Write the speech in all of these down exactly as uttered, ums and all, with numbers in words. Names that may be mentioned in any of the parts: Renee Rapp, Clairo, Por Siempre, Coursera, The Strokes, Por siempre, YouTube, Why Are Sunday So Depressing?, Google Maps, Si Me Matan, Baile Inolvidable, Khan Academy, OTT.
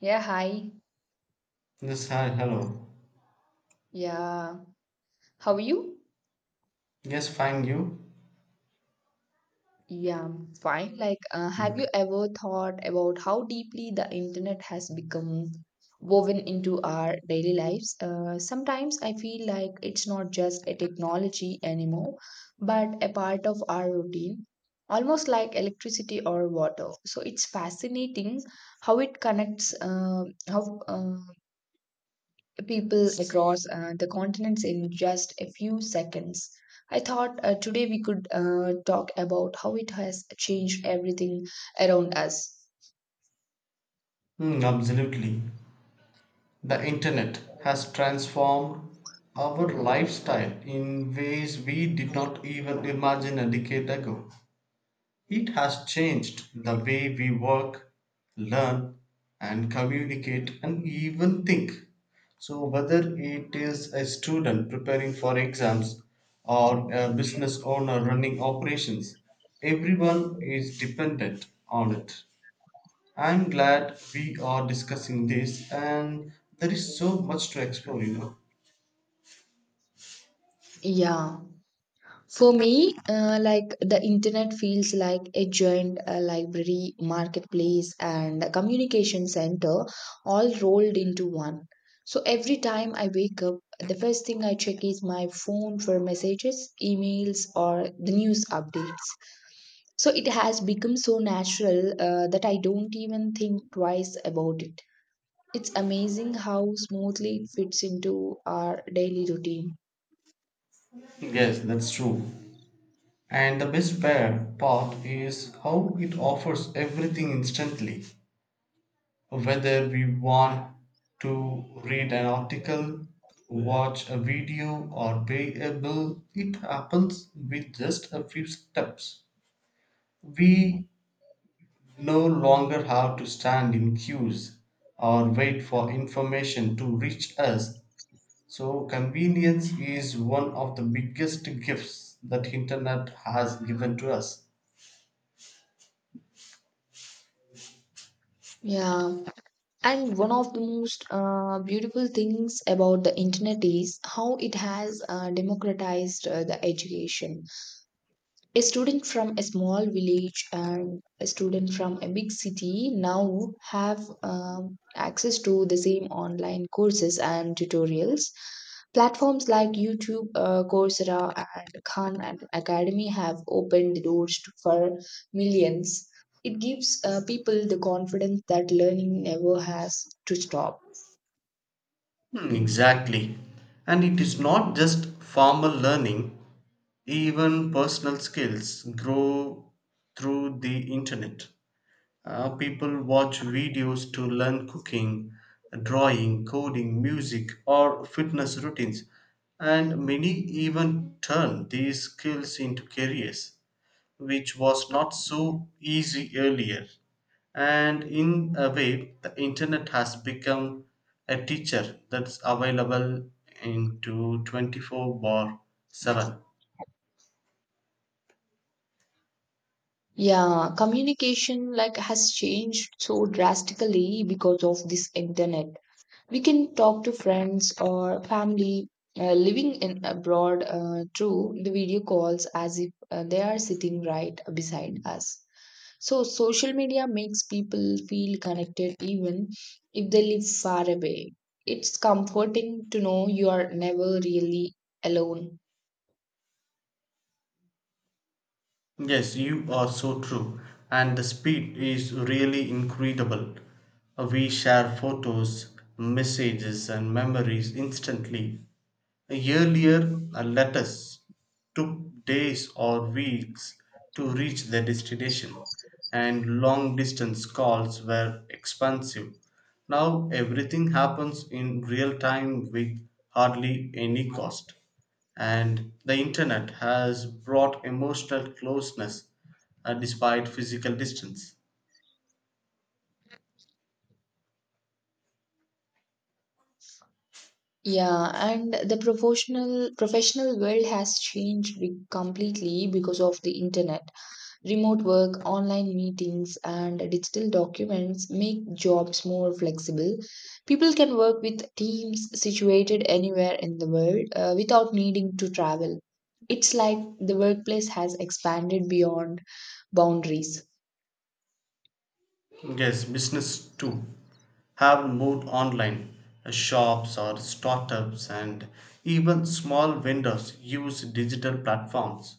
Yeah, hi. Yes, hi, hello. Yeah. How are you? Yes, fine, you? Yeah, I'm fine. Like, uh, have you Good. ever thought about how deeply the internet has become woven into our daily lives? Uh, sometimes I feel like it's not just a technology anymore, but a part of our routine, almost like electricity or water. So it's fascinating how it connects, uh, how uh, people across uh, the continents in just a few seconds. I thought uh, today we could uh, talk about how it has changed everything around us. Mm, absolutely. The internet has transformed our lifestyle in ways we did not even imagine a decade ago. It has changed the way we work, learn, and communicate, and even think. So, whether it is a student preparing for exams or a business owner running operations, everyone is dependent on it. I'm glad we are discussing this, and there is so much to explore, you know. Yeah. For me, uh, like the internet feels like a giant uh, library, marketplace, and a communication center all rolled into one. So every time I wake up, the first thing I check is my phone for messages, emails, or the news updates. So it has become so natural uh, that I don't even think twice about it. It's amazing how smoothly it fits into our daily routine. Yes, that's true. And the best bear part is how it offers everything instantly. Whether we want to read an article, watch a video, or pay a bill, it happens with just a few steps. We no longer have to stand in queues or wait for information to reach us. So convenience is one of the biggest gifts that internet has given to us. Yeah. And one of the most uh, beautiful things about the internet is how it has uh, democratized uh, the education. A student from a small village and a student from a big city now have um, access to the same online courses and tutorials. Platforms like YouTube, uh, Coursera, and Khan and Academy have opened the doors to, for millions. It gives uh, people the confidence that learning never has to stop. Hmm, exactly. And it is not just formal learning, even personal skills grow through the internet. Uh, people watch videos to learn cooking, drawing, coding, music, or fitness routines, and many even turn these skills into careers, which was not so easy earlier. And in a way, the internet has become a teacher that's available into twenty four bar seven. Yeah, communication like has changed so drastically because of this internet. We can talk to friends or family uh, living in abroad uh, through the video calls as if uh, they are sitting right beside us. So social media makes people feel connected even if they live far away. It's comforting to know you are never really alone. Yes, you are so true. And the speed is really incredible. We share photos, messages, and memories instantly. Earlier, a letters took days or weeks to reach their destination, and long distance calls were expensive. Now everything happens in real time with hardly any cost. And the internet has brought emotional closeness uh, despite physical distance. Yeah, and the professional professional world has changed be- completely because of the internet. Remote work, online meetings, and digital documents make jobs more flexible. People can work with teams situated anywhere in the world uh, without needing to travel. It's like the workplace has expanded beyond boundaries. Yes, business too have moved online. Uh, Shops or startups and even small vendors use digital platforms.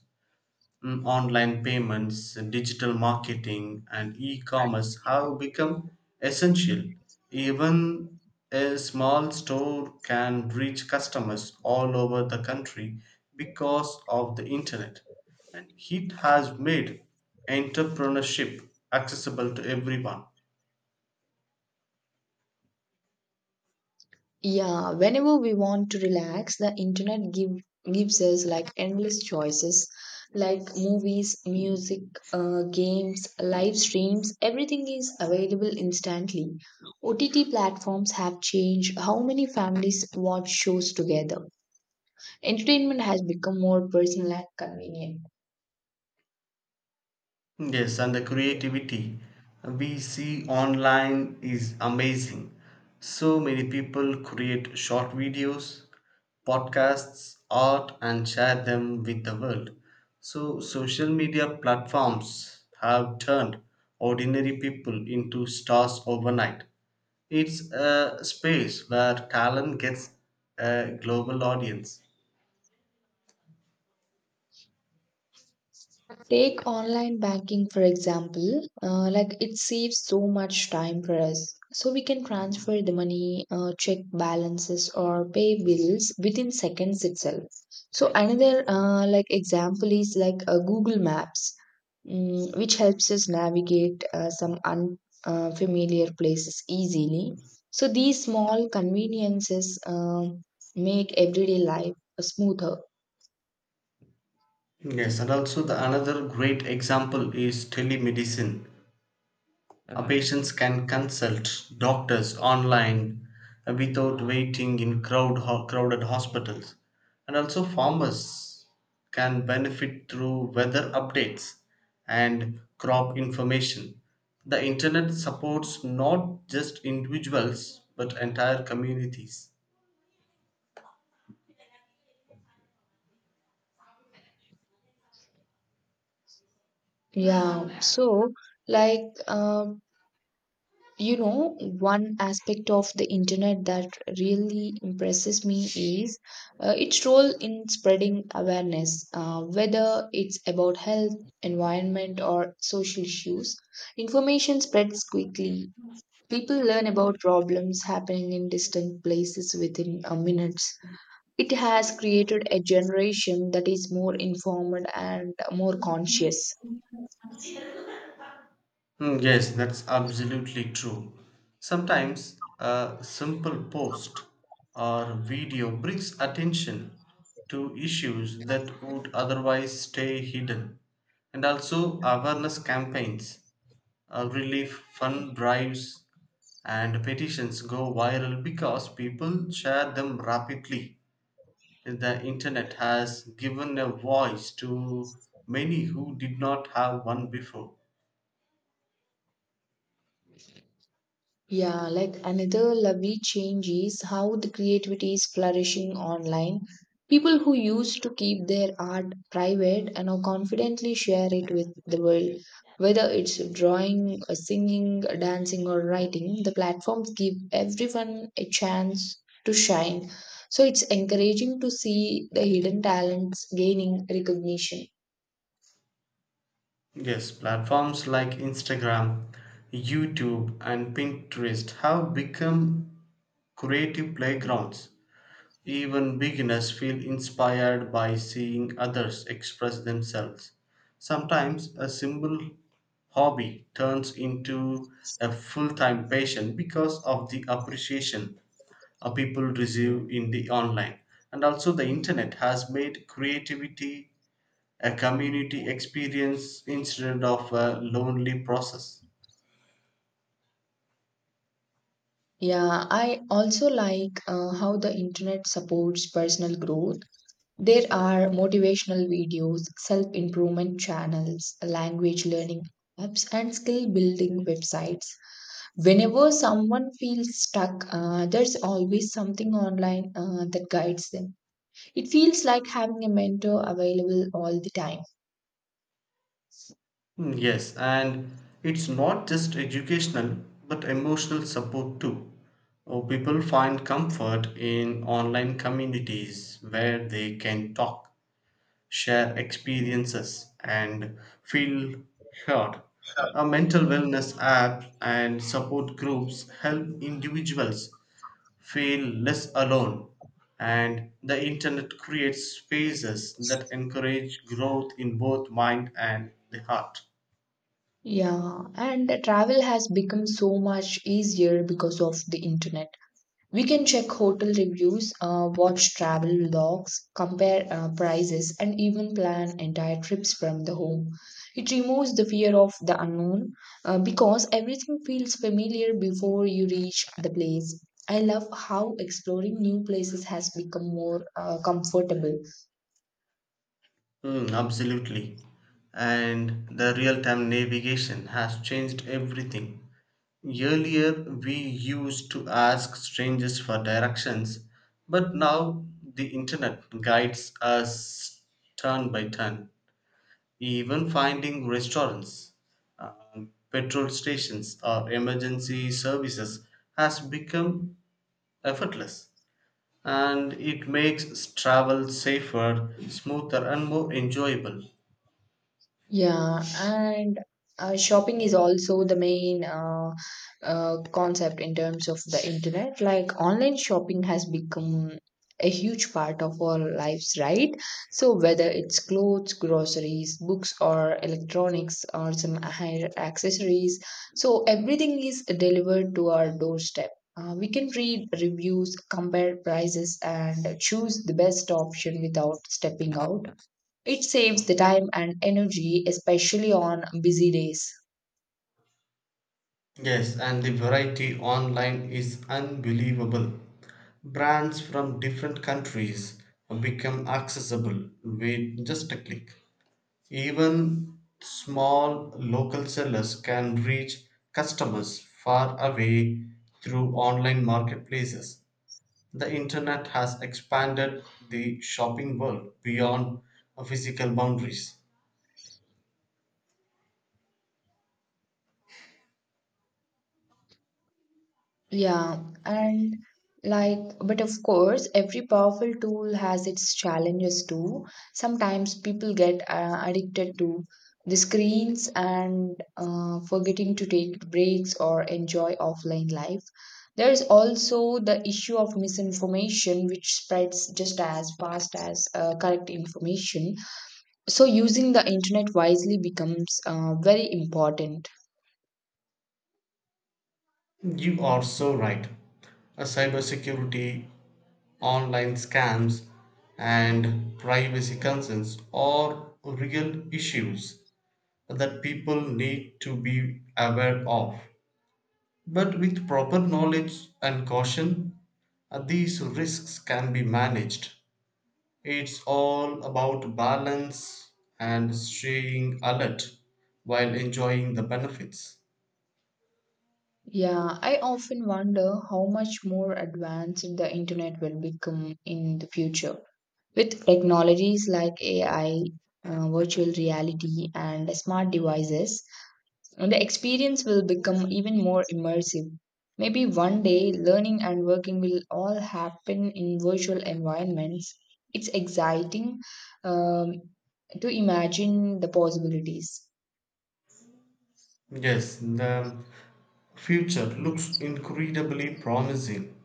Mm, Online payments, digital marketing, and e commerce have become essential. Even a small store can reach customers all over the country because of the internet. And it has made entrepreneurship accessible to everyone. Yeah, whenever we want to relax, the internet give, gives us like endless choices, like movies, music, uh, games, live streams. Everything is available instantly. O T T platforms have changed how many families watch shows together. Entertainment has become more personal and convenient. Yes, and the creativity we see online is amazing. So many people create short videos, podcasts, art, and share them with the world. So, social media platforms have turned ordinary people into stars overnight. It's a space where talent gets a global audience. Take online banking, for example. Uh, like it saves so much time for us. So we can transfer the money, uh, check balances, or pay bills within seconds itself. So another uh, like example is like uh, Google Maps, mm, which helps us navigate uh, some unfamiliar places easily. So these small conveniences um make everyday life smoother. Yes, and also the another great example is telemedicine. Uh, Patients can consult doctors online uh, without waiting in crowd, ho- crowded hospitals. And also, farmers can benefit through weather updates and crop information. The internet supports not just individuals but entire communities. Yeah. So like. Uh, You know, one aspect of the internet that really impresses me is uh, its role in spreading awareness, uh, whether it's about health, environment, or social issues. Information spreads quickly. People learn about problems happening in distant places within uh, minutes. It has created a generation that is more informed and more conscious. Mm, yes, that's absolutely true. Sometimes a simple post or video brings attention to issues that would otherwise stay hidden. And also, awareness campaigns, uh, relief fund drives, and petitions go viral because people share them rapidly. The internet has given a voice to many who did not have one before. Yeah, like another lovely change is how the creativity is flourishing online. People who used to keep their art private and now confidently share it with the world. Whether it's drawing, uh, singing, dancing, or writing, the platforms give everyone a chance to shine. So it's encouraging to see the hidden talents gaining recognition. Yes, platforms like Instagram, YouTube, and Pinterest have become creative playgrounds. Even beginners feel inspired by seeing others express themselves. Sometimes a simple hobby turns into a full time passion because of the appreciation uh, people receive in the online. And also, the internet has made creativity a community experience instead of a lonely process. Yeah, I also like uh, how the internet supports personal growth. There are motivational videos, self improvement channels, language learning apps, and skill building websites. Whenever someone feels stuck, uh, there's always something online uh, that guides them. It feels like having a mentor available all the time. Mm, yes, and it's not just educational but emotional support too. Oh, people find comfort in online communities where they can talk, share experiences, and feel heard. A mental wellness app and support groups help individuals feel less alone, and the internet creates spaces that encourage growth in both mind and the heart. Yeah, and travel has become so much easier because of the internet. We can check hotel reviews, uh, watch travel vlogs, compare uh, prices, and even plan entire trips from the home. It removes the fear of the unknown uh, because everything feels familiar before you reach the place. I love how exploring new places has become more uh, comfortable. Mm, absolutely. And the real time navigation has changed everything. Earlier, we used to ask strangers for directions, but now the internet guides us turn by turn. Even finding restaurants, uh, petrol stations, or emergency services has become effortless, and it makes travel safer, smoother, and more enjoyable. Yeah, and uh, shopping is also the main uh, uh, concept in terms of the internet. Like online shopping has become a huge part of our lives, right? So whether it's clothes, groceries, books, or electronics, or some higher accessories, so everything is delivered to our doorstep. Uh, we can read reviews, compare prices, and choose the best option without stepping out. It saves the time and energy, especially on busy days. Yes, and the variety online is unbelievable. Brands from different countries become accessible with just a click. Even small local sellers can reach customers far away through online marketplaces. The internet has expanded the shopping world beyond physical boundaries. Yeah, and like, but of course, every powerful tool has its challenges too. Sometimes people get uh, addicted to the screens and uh, forgetting to take breaks or enjoy offline life. There is also the issue of misinformation, which spreads just as fast as uh, correct information. So using the internet wisely becomes uh, very important. You are so right. Uh, Cybersecurity, online scams, and privacy concerns are real issues that people need to be aware of. But with proper knowledge and caution, uh, these risks can be managed. It's all about balance and staying alert while enjoying the benefits. Yeah, I often wonder how much more advanced the internet will become in the future. With technologies like A I, uh, virtual reality, and smart devices, the experience will become even more immersive. Maybe one day, learning and working will all happen in virtual environments. It's exciting, um, to imagine the possibilities. Yes, the future looks incredibly promising.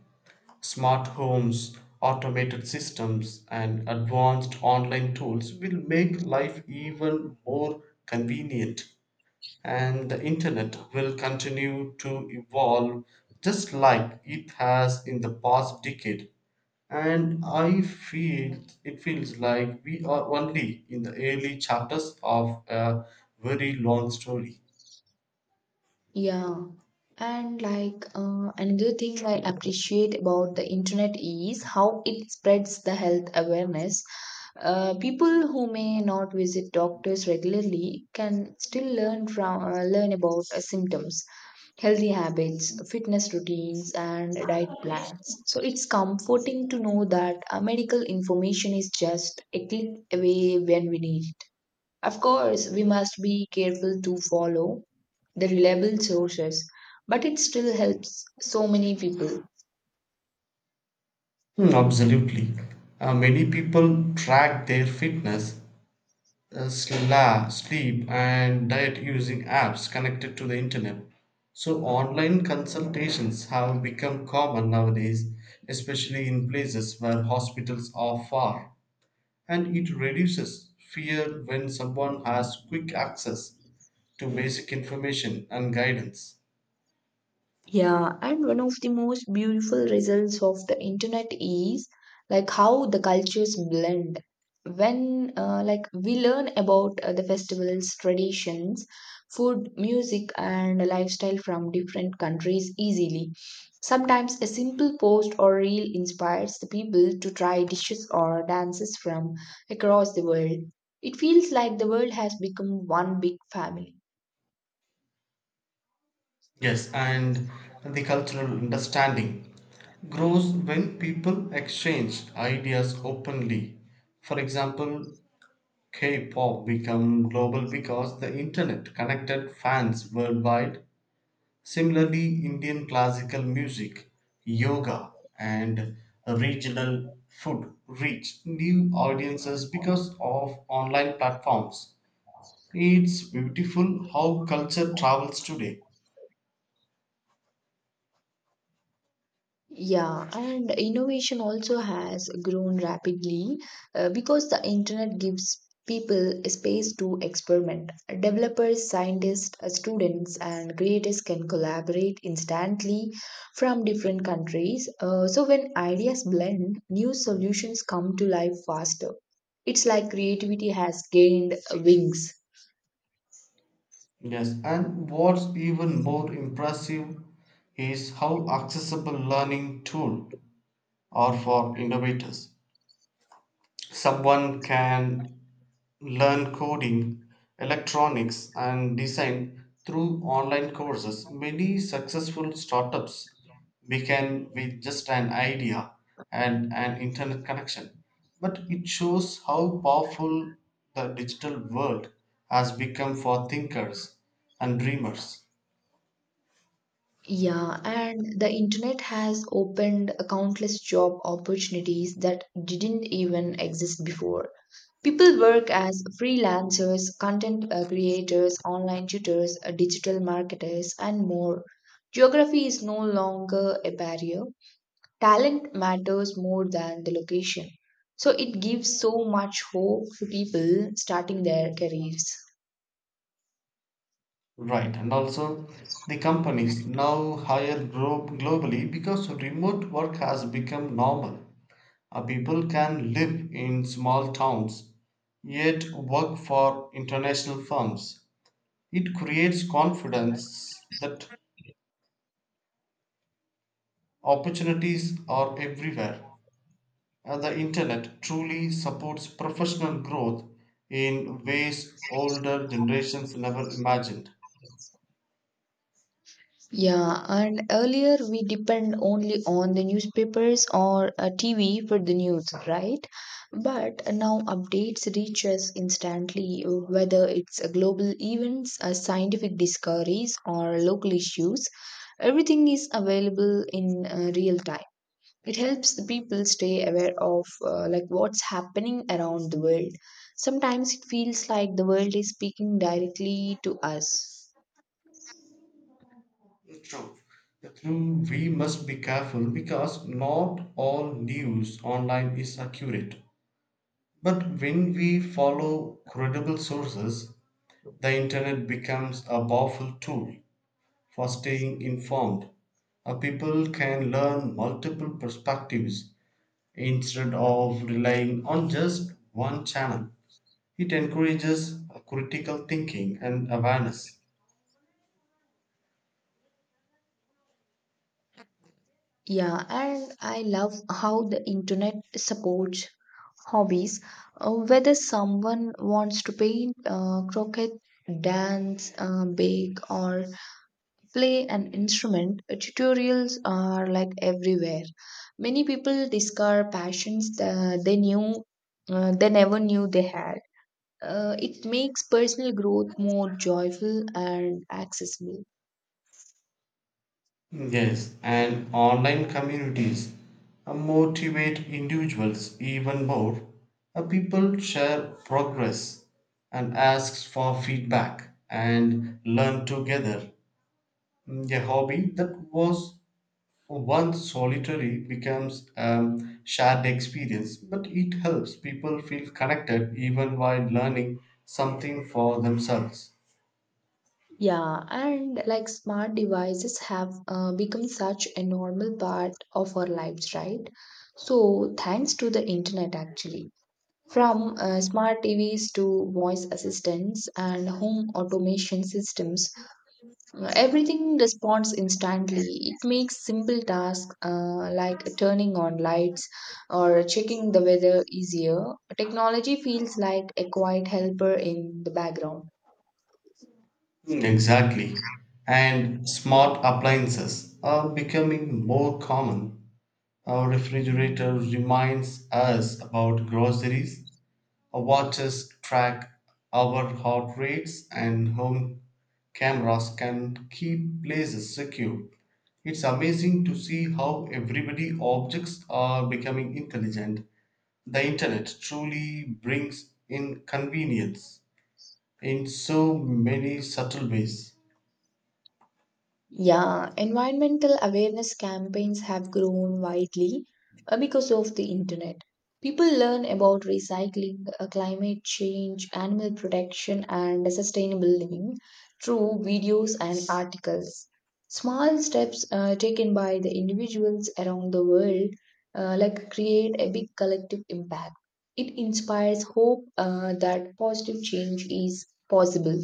Smart homes, automated systems, and advanced online tools will make life even more convenient. And the internet will continue to evolve just like it has in the past decade, and I feel it feels like we are only in the early chapters of a very long story. Yeah. And like uh, another thing I appreciate about the internet is how it spreads the health awareness. Uh, people who may not visit doctors regularly can still learn from uh, learn about uh, symptoms, healthy habits, fitness routines, and diet plans. So it's comforting to know that uh, medical information is just a click away when we need it. Of course, we must be careful to follow the reliable sources, but it still helps so many people. Hmm, absolutely. Uh, many people track their fitness, uh, sla- sleep, and diet using apps connected to the internet. So, online consultations have become common nowadays, especially in places where hospitals are far, and it reduces fear when someone has quick access to basic information and guidance. Yeah, and one of the most beautiful results of the internet is like how the cultures blend. When uh, like we learn about uh, the festivals, traditions, food, music, and lifestyle from different countries easily. Sometimes a simple post or reel inspires the people to try dishes or dances from across the world. It feels like the world has become one big family. Yes, and the cultural understanding grows when people exchange ideas openly. For example, K-pop became global because the internet connected fans worldwide. Similarly, Indian classical music, yoga, and regional food reach new audiences because of online platforms. It's beautiful how culture travels today. Yeah, and innovation also has grown rapidly uh, because the internet gives people a space to experiment. Developers, scientists, uh, students, and creators can collaborate instantly from different countries. Uh, so, when ideas blend, new solutions come to life faster. It's like creativity has gained wings. Yes, and what's even more impressive is how accessible learning tools are for innovators. Someone can learn coding, electronics, and design through online courses. Many successful startups began with just an idea and an internet connection. But it shows how powerful the digital world has become for thinkers and dreamers. Yeah, and the internet has opened countless job opportunities that didn't even exist before. People work as freelancers, content uh, creators, online tutors, uh, digital marketers, and more. Geography is no longer a barrier. Talent matters more than the location. So it gives so much hope to people starting their careers. Right, and also the companies now hire glo- globally because remote work has become normal. Uh, people can live in small towns yet work for international firms. It creates confidence that opportunities are everywhere. Uh, the internet truly supports professional growth in ways older generations never imagined. Yeah, and earlier we depend only on the newspapers or uh, T V for the news, right? But now updates reach us instantly, whether it's uh, global events, uh, scientific discoveries, or local issues. Everything is available in uh, real time. It helps the people stay aware of uh, like what's happening around the world. Sometimes it feels like the world is speaking directly to us. True. True, we must be careful because not all news online is accurate. But when we follow credible sources, the internet becomes a powerful tool for staying informed. Uh, people can learn multiple perspectives instead of relying on just one channel. It encourages uh, critical thinking and awareness. Yeah, and I love how the internet supports hobbies. Uh, whether someone wants to paint, uh, croquet, dance, uh, bake, or play an instrument, uh, tutorials are like everywhere. Many people discover passions that they knew uh, they never knew they had. Uh, it makes personal growth more joyful and accessible. Yes, and online communities uh, motivate individuals even more. Uh, People share progress and asks for feedback and learn together. A hobby that was once solitary becomes a shared experience, but it helps people feel connected even while learning something for themselves. Yeah, and like smart devices have uh, become such a normal part of our lives, right? So, thanks to the internet, actually, from uh, smart T Vs to voice assistants and home automation systems, uh, everything responds instantly. It makes simple tasks uh, like turning on lights or checking the weather easier. Technology feels like a quiet helper in the background. Mm, exactly. And smart appliances are becoming more common. Our refrigerator reminds us about groceries, watches track our heart rates, and home cameras can keep places secure. It's amazing to see how everybody objects are becoming intelligent. The internet truly brings in convenience in so many subtle ways. Yeah, environmental awareness campaigns have grown widely uh, because of the internet. People learn about recycling, uh, climate change, animal protection, and sustainable living through videos and articles. Small steps uh, taken by the individuals around the world uh, like create a big collective impact. It inspires hope uh, that positive change is possible.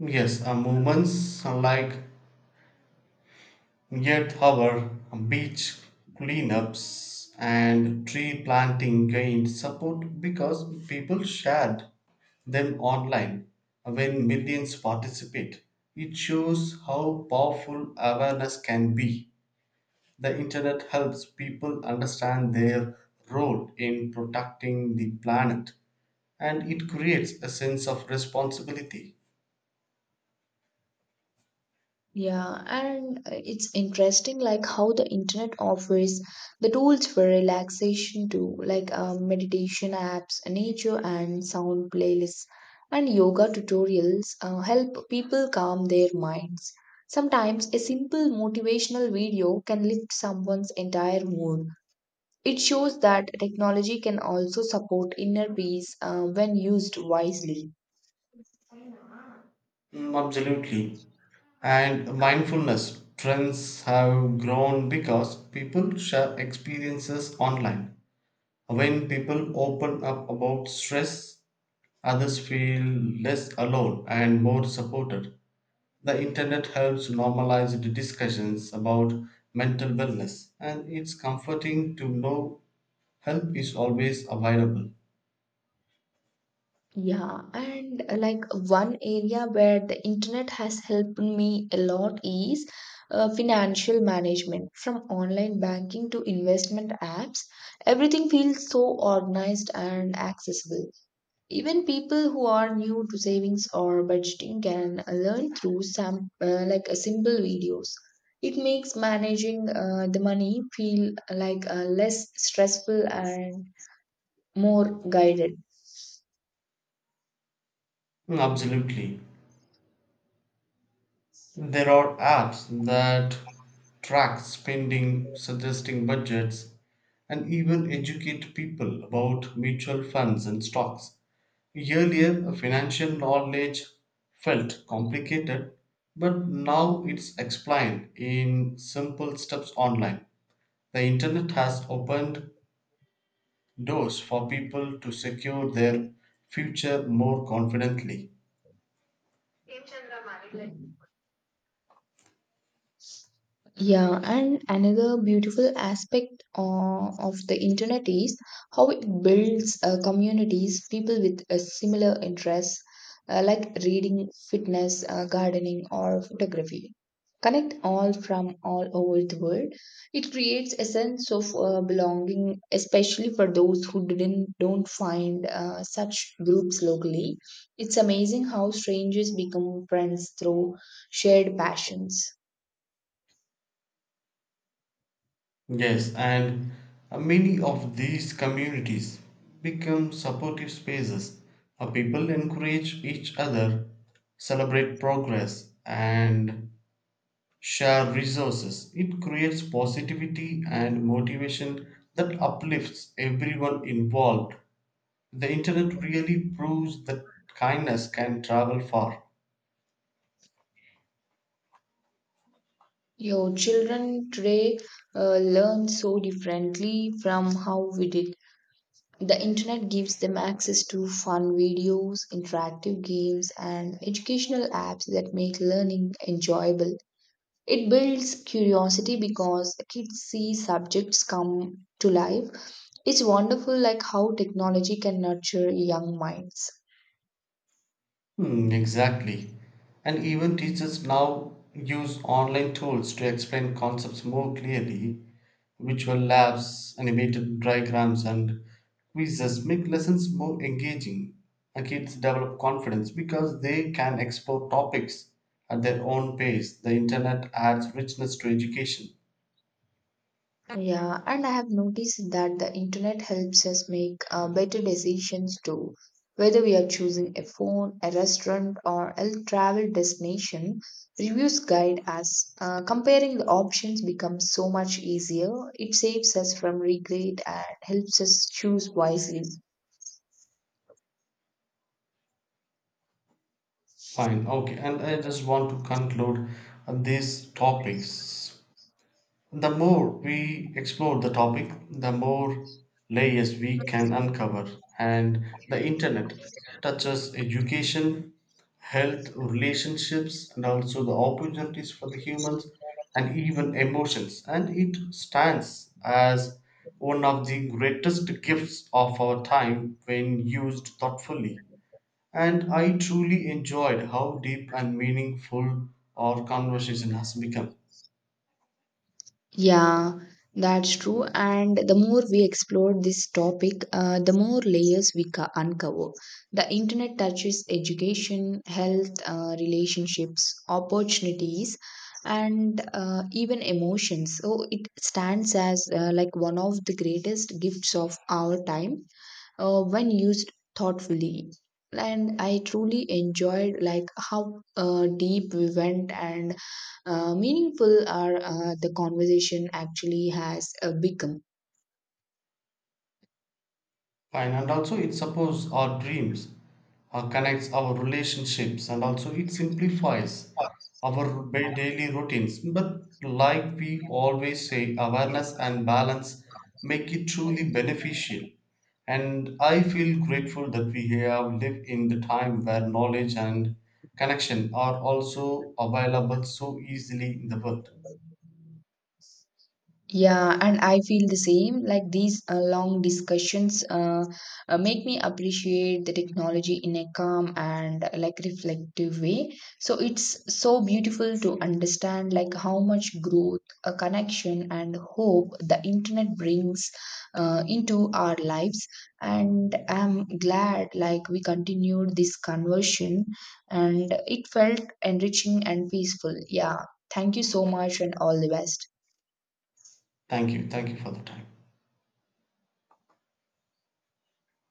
Yes, uh, movements like Yet, our beach cleanups and tree planting gained support because people shared them online when millions participate. It shows how powerful awareness can be. The internet helps people understand their role in protecting the planet, and it creates a sense of responsibility. Yeah, and uh, it's interesting like how the internet offers the tools for relaxation too, like uh, meditation apps, nature and sound playlists, and yoga tutorials uh, help people calm their minds. Sometimes a simple motivational video can lift someone's entire mood. It shows that technology can also support inner peace uh, when used wisely. Mm, absolutely. And mindfulness trends have grown because people share experiences online. When people open up about stress, others feel less alone and more supported. The internet helps normalize the discussions about mental wellness, and it's comforting to know help is always available. Yeah, and uh, like one area where the internet has helped me a lot is uh, financial management. From online banking to investment apps, everything feels so organized and accessible. Even people who are new to savings or budgeting can uh, learn through some uh, like uh, simple videos. It makes managing uh, the money feel uh, like uh, less stressful and more guided. Mm, absolutely. There are apps that track spending, suggesting budgets, and even educate people about mutual funds and stocks. Earlier, financial knowledge felt complicated, but now it's explained in simple steps online. The internet has opened doors for people to secure their future more confidently. Yeah, and another beautiful aspect uh, of the internet is how it builds uh, communities, people with uh, similar interests uh, like reading, fitness, uh, gardening, or photography. Connect all from all over the world. It creates a sense of uh, belonging, especially for those who didn't don't find uh, such groups locally. It's amazing how strangers become friends through shared passions. Yes, and uh, many of these communities become supportive spaces. Uh, people encourage each other, celebrate progress, and share resources. It creates positivity and motivation that uplifts everyone involved. The internet really proves that kindness can travel far. Your children today uh, learn so differently from how we did. The internet gives them access to fun videos, interactive games, and educational apps that make learning enjoyable. It builds curiosity because kids see subjects come to life. It's wonderful like how technology can nurture young minds. Hmm, exactly. And even teachers now use online tools to explain concepts more clearly. Visual labs, animated diagrams, and quizzes make lessons more engaging. And kids develop confidence because they can explore topics at their own pace. The internet adds richness to education. Yeah, and I have noticed that the internet helps us make uh, better decisions too. Whether we are choosing a phone, a restaurant, or a travel destination, reviews guide us. Uh, comparing the options becomes so much easier. It saves us from regret and helps us choose wisely. Fine, okay, and I just want to conclude on these topics. The more we explore the topic, the more layers we can uncover, and the internet touches education, health, relationships, and also the opportunities for the humans and even emotions. And it stands as one of the greatest gifts of our time when used thoughtfully. And I truly enjoyed how deep and meaningful our conversation has become. Yeah, that's true. And the more we explore this topic, uh, the more layers we ca- uncover. The internet touches education, health, uh, relationships, opportunities, and uh, even emotions. So it stands as uh, like one of the greatest gifts of our time uh, when used thoughtfully. And I truly enjoyed like how uh, deep we went and uh, meaningful our uh, the conversation actually has uh, become. Fine, and also it supports our dreams, uh, connects our relationships, and also it simplifies our ba- daily routines. But like we always say, awareness and balance make it truly beneficial. And I feel grateful that we have lived in the time where knowledge and connection are also available so easily in the world. Yeah, and I feel the same. Like these uh, long discussions uh, uh, make me appreciate the technology in a calm and uh, like reflective way. So it's so beautiful to understand like how much growth, uh, connection, and hope the internet brings uh, into our lives. And I'm glad like we continued this conversion, and it felt enriching and peaceful. Yeah, thank you so much, and all the best. Thank you. Thank you for the time.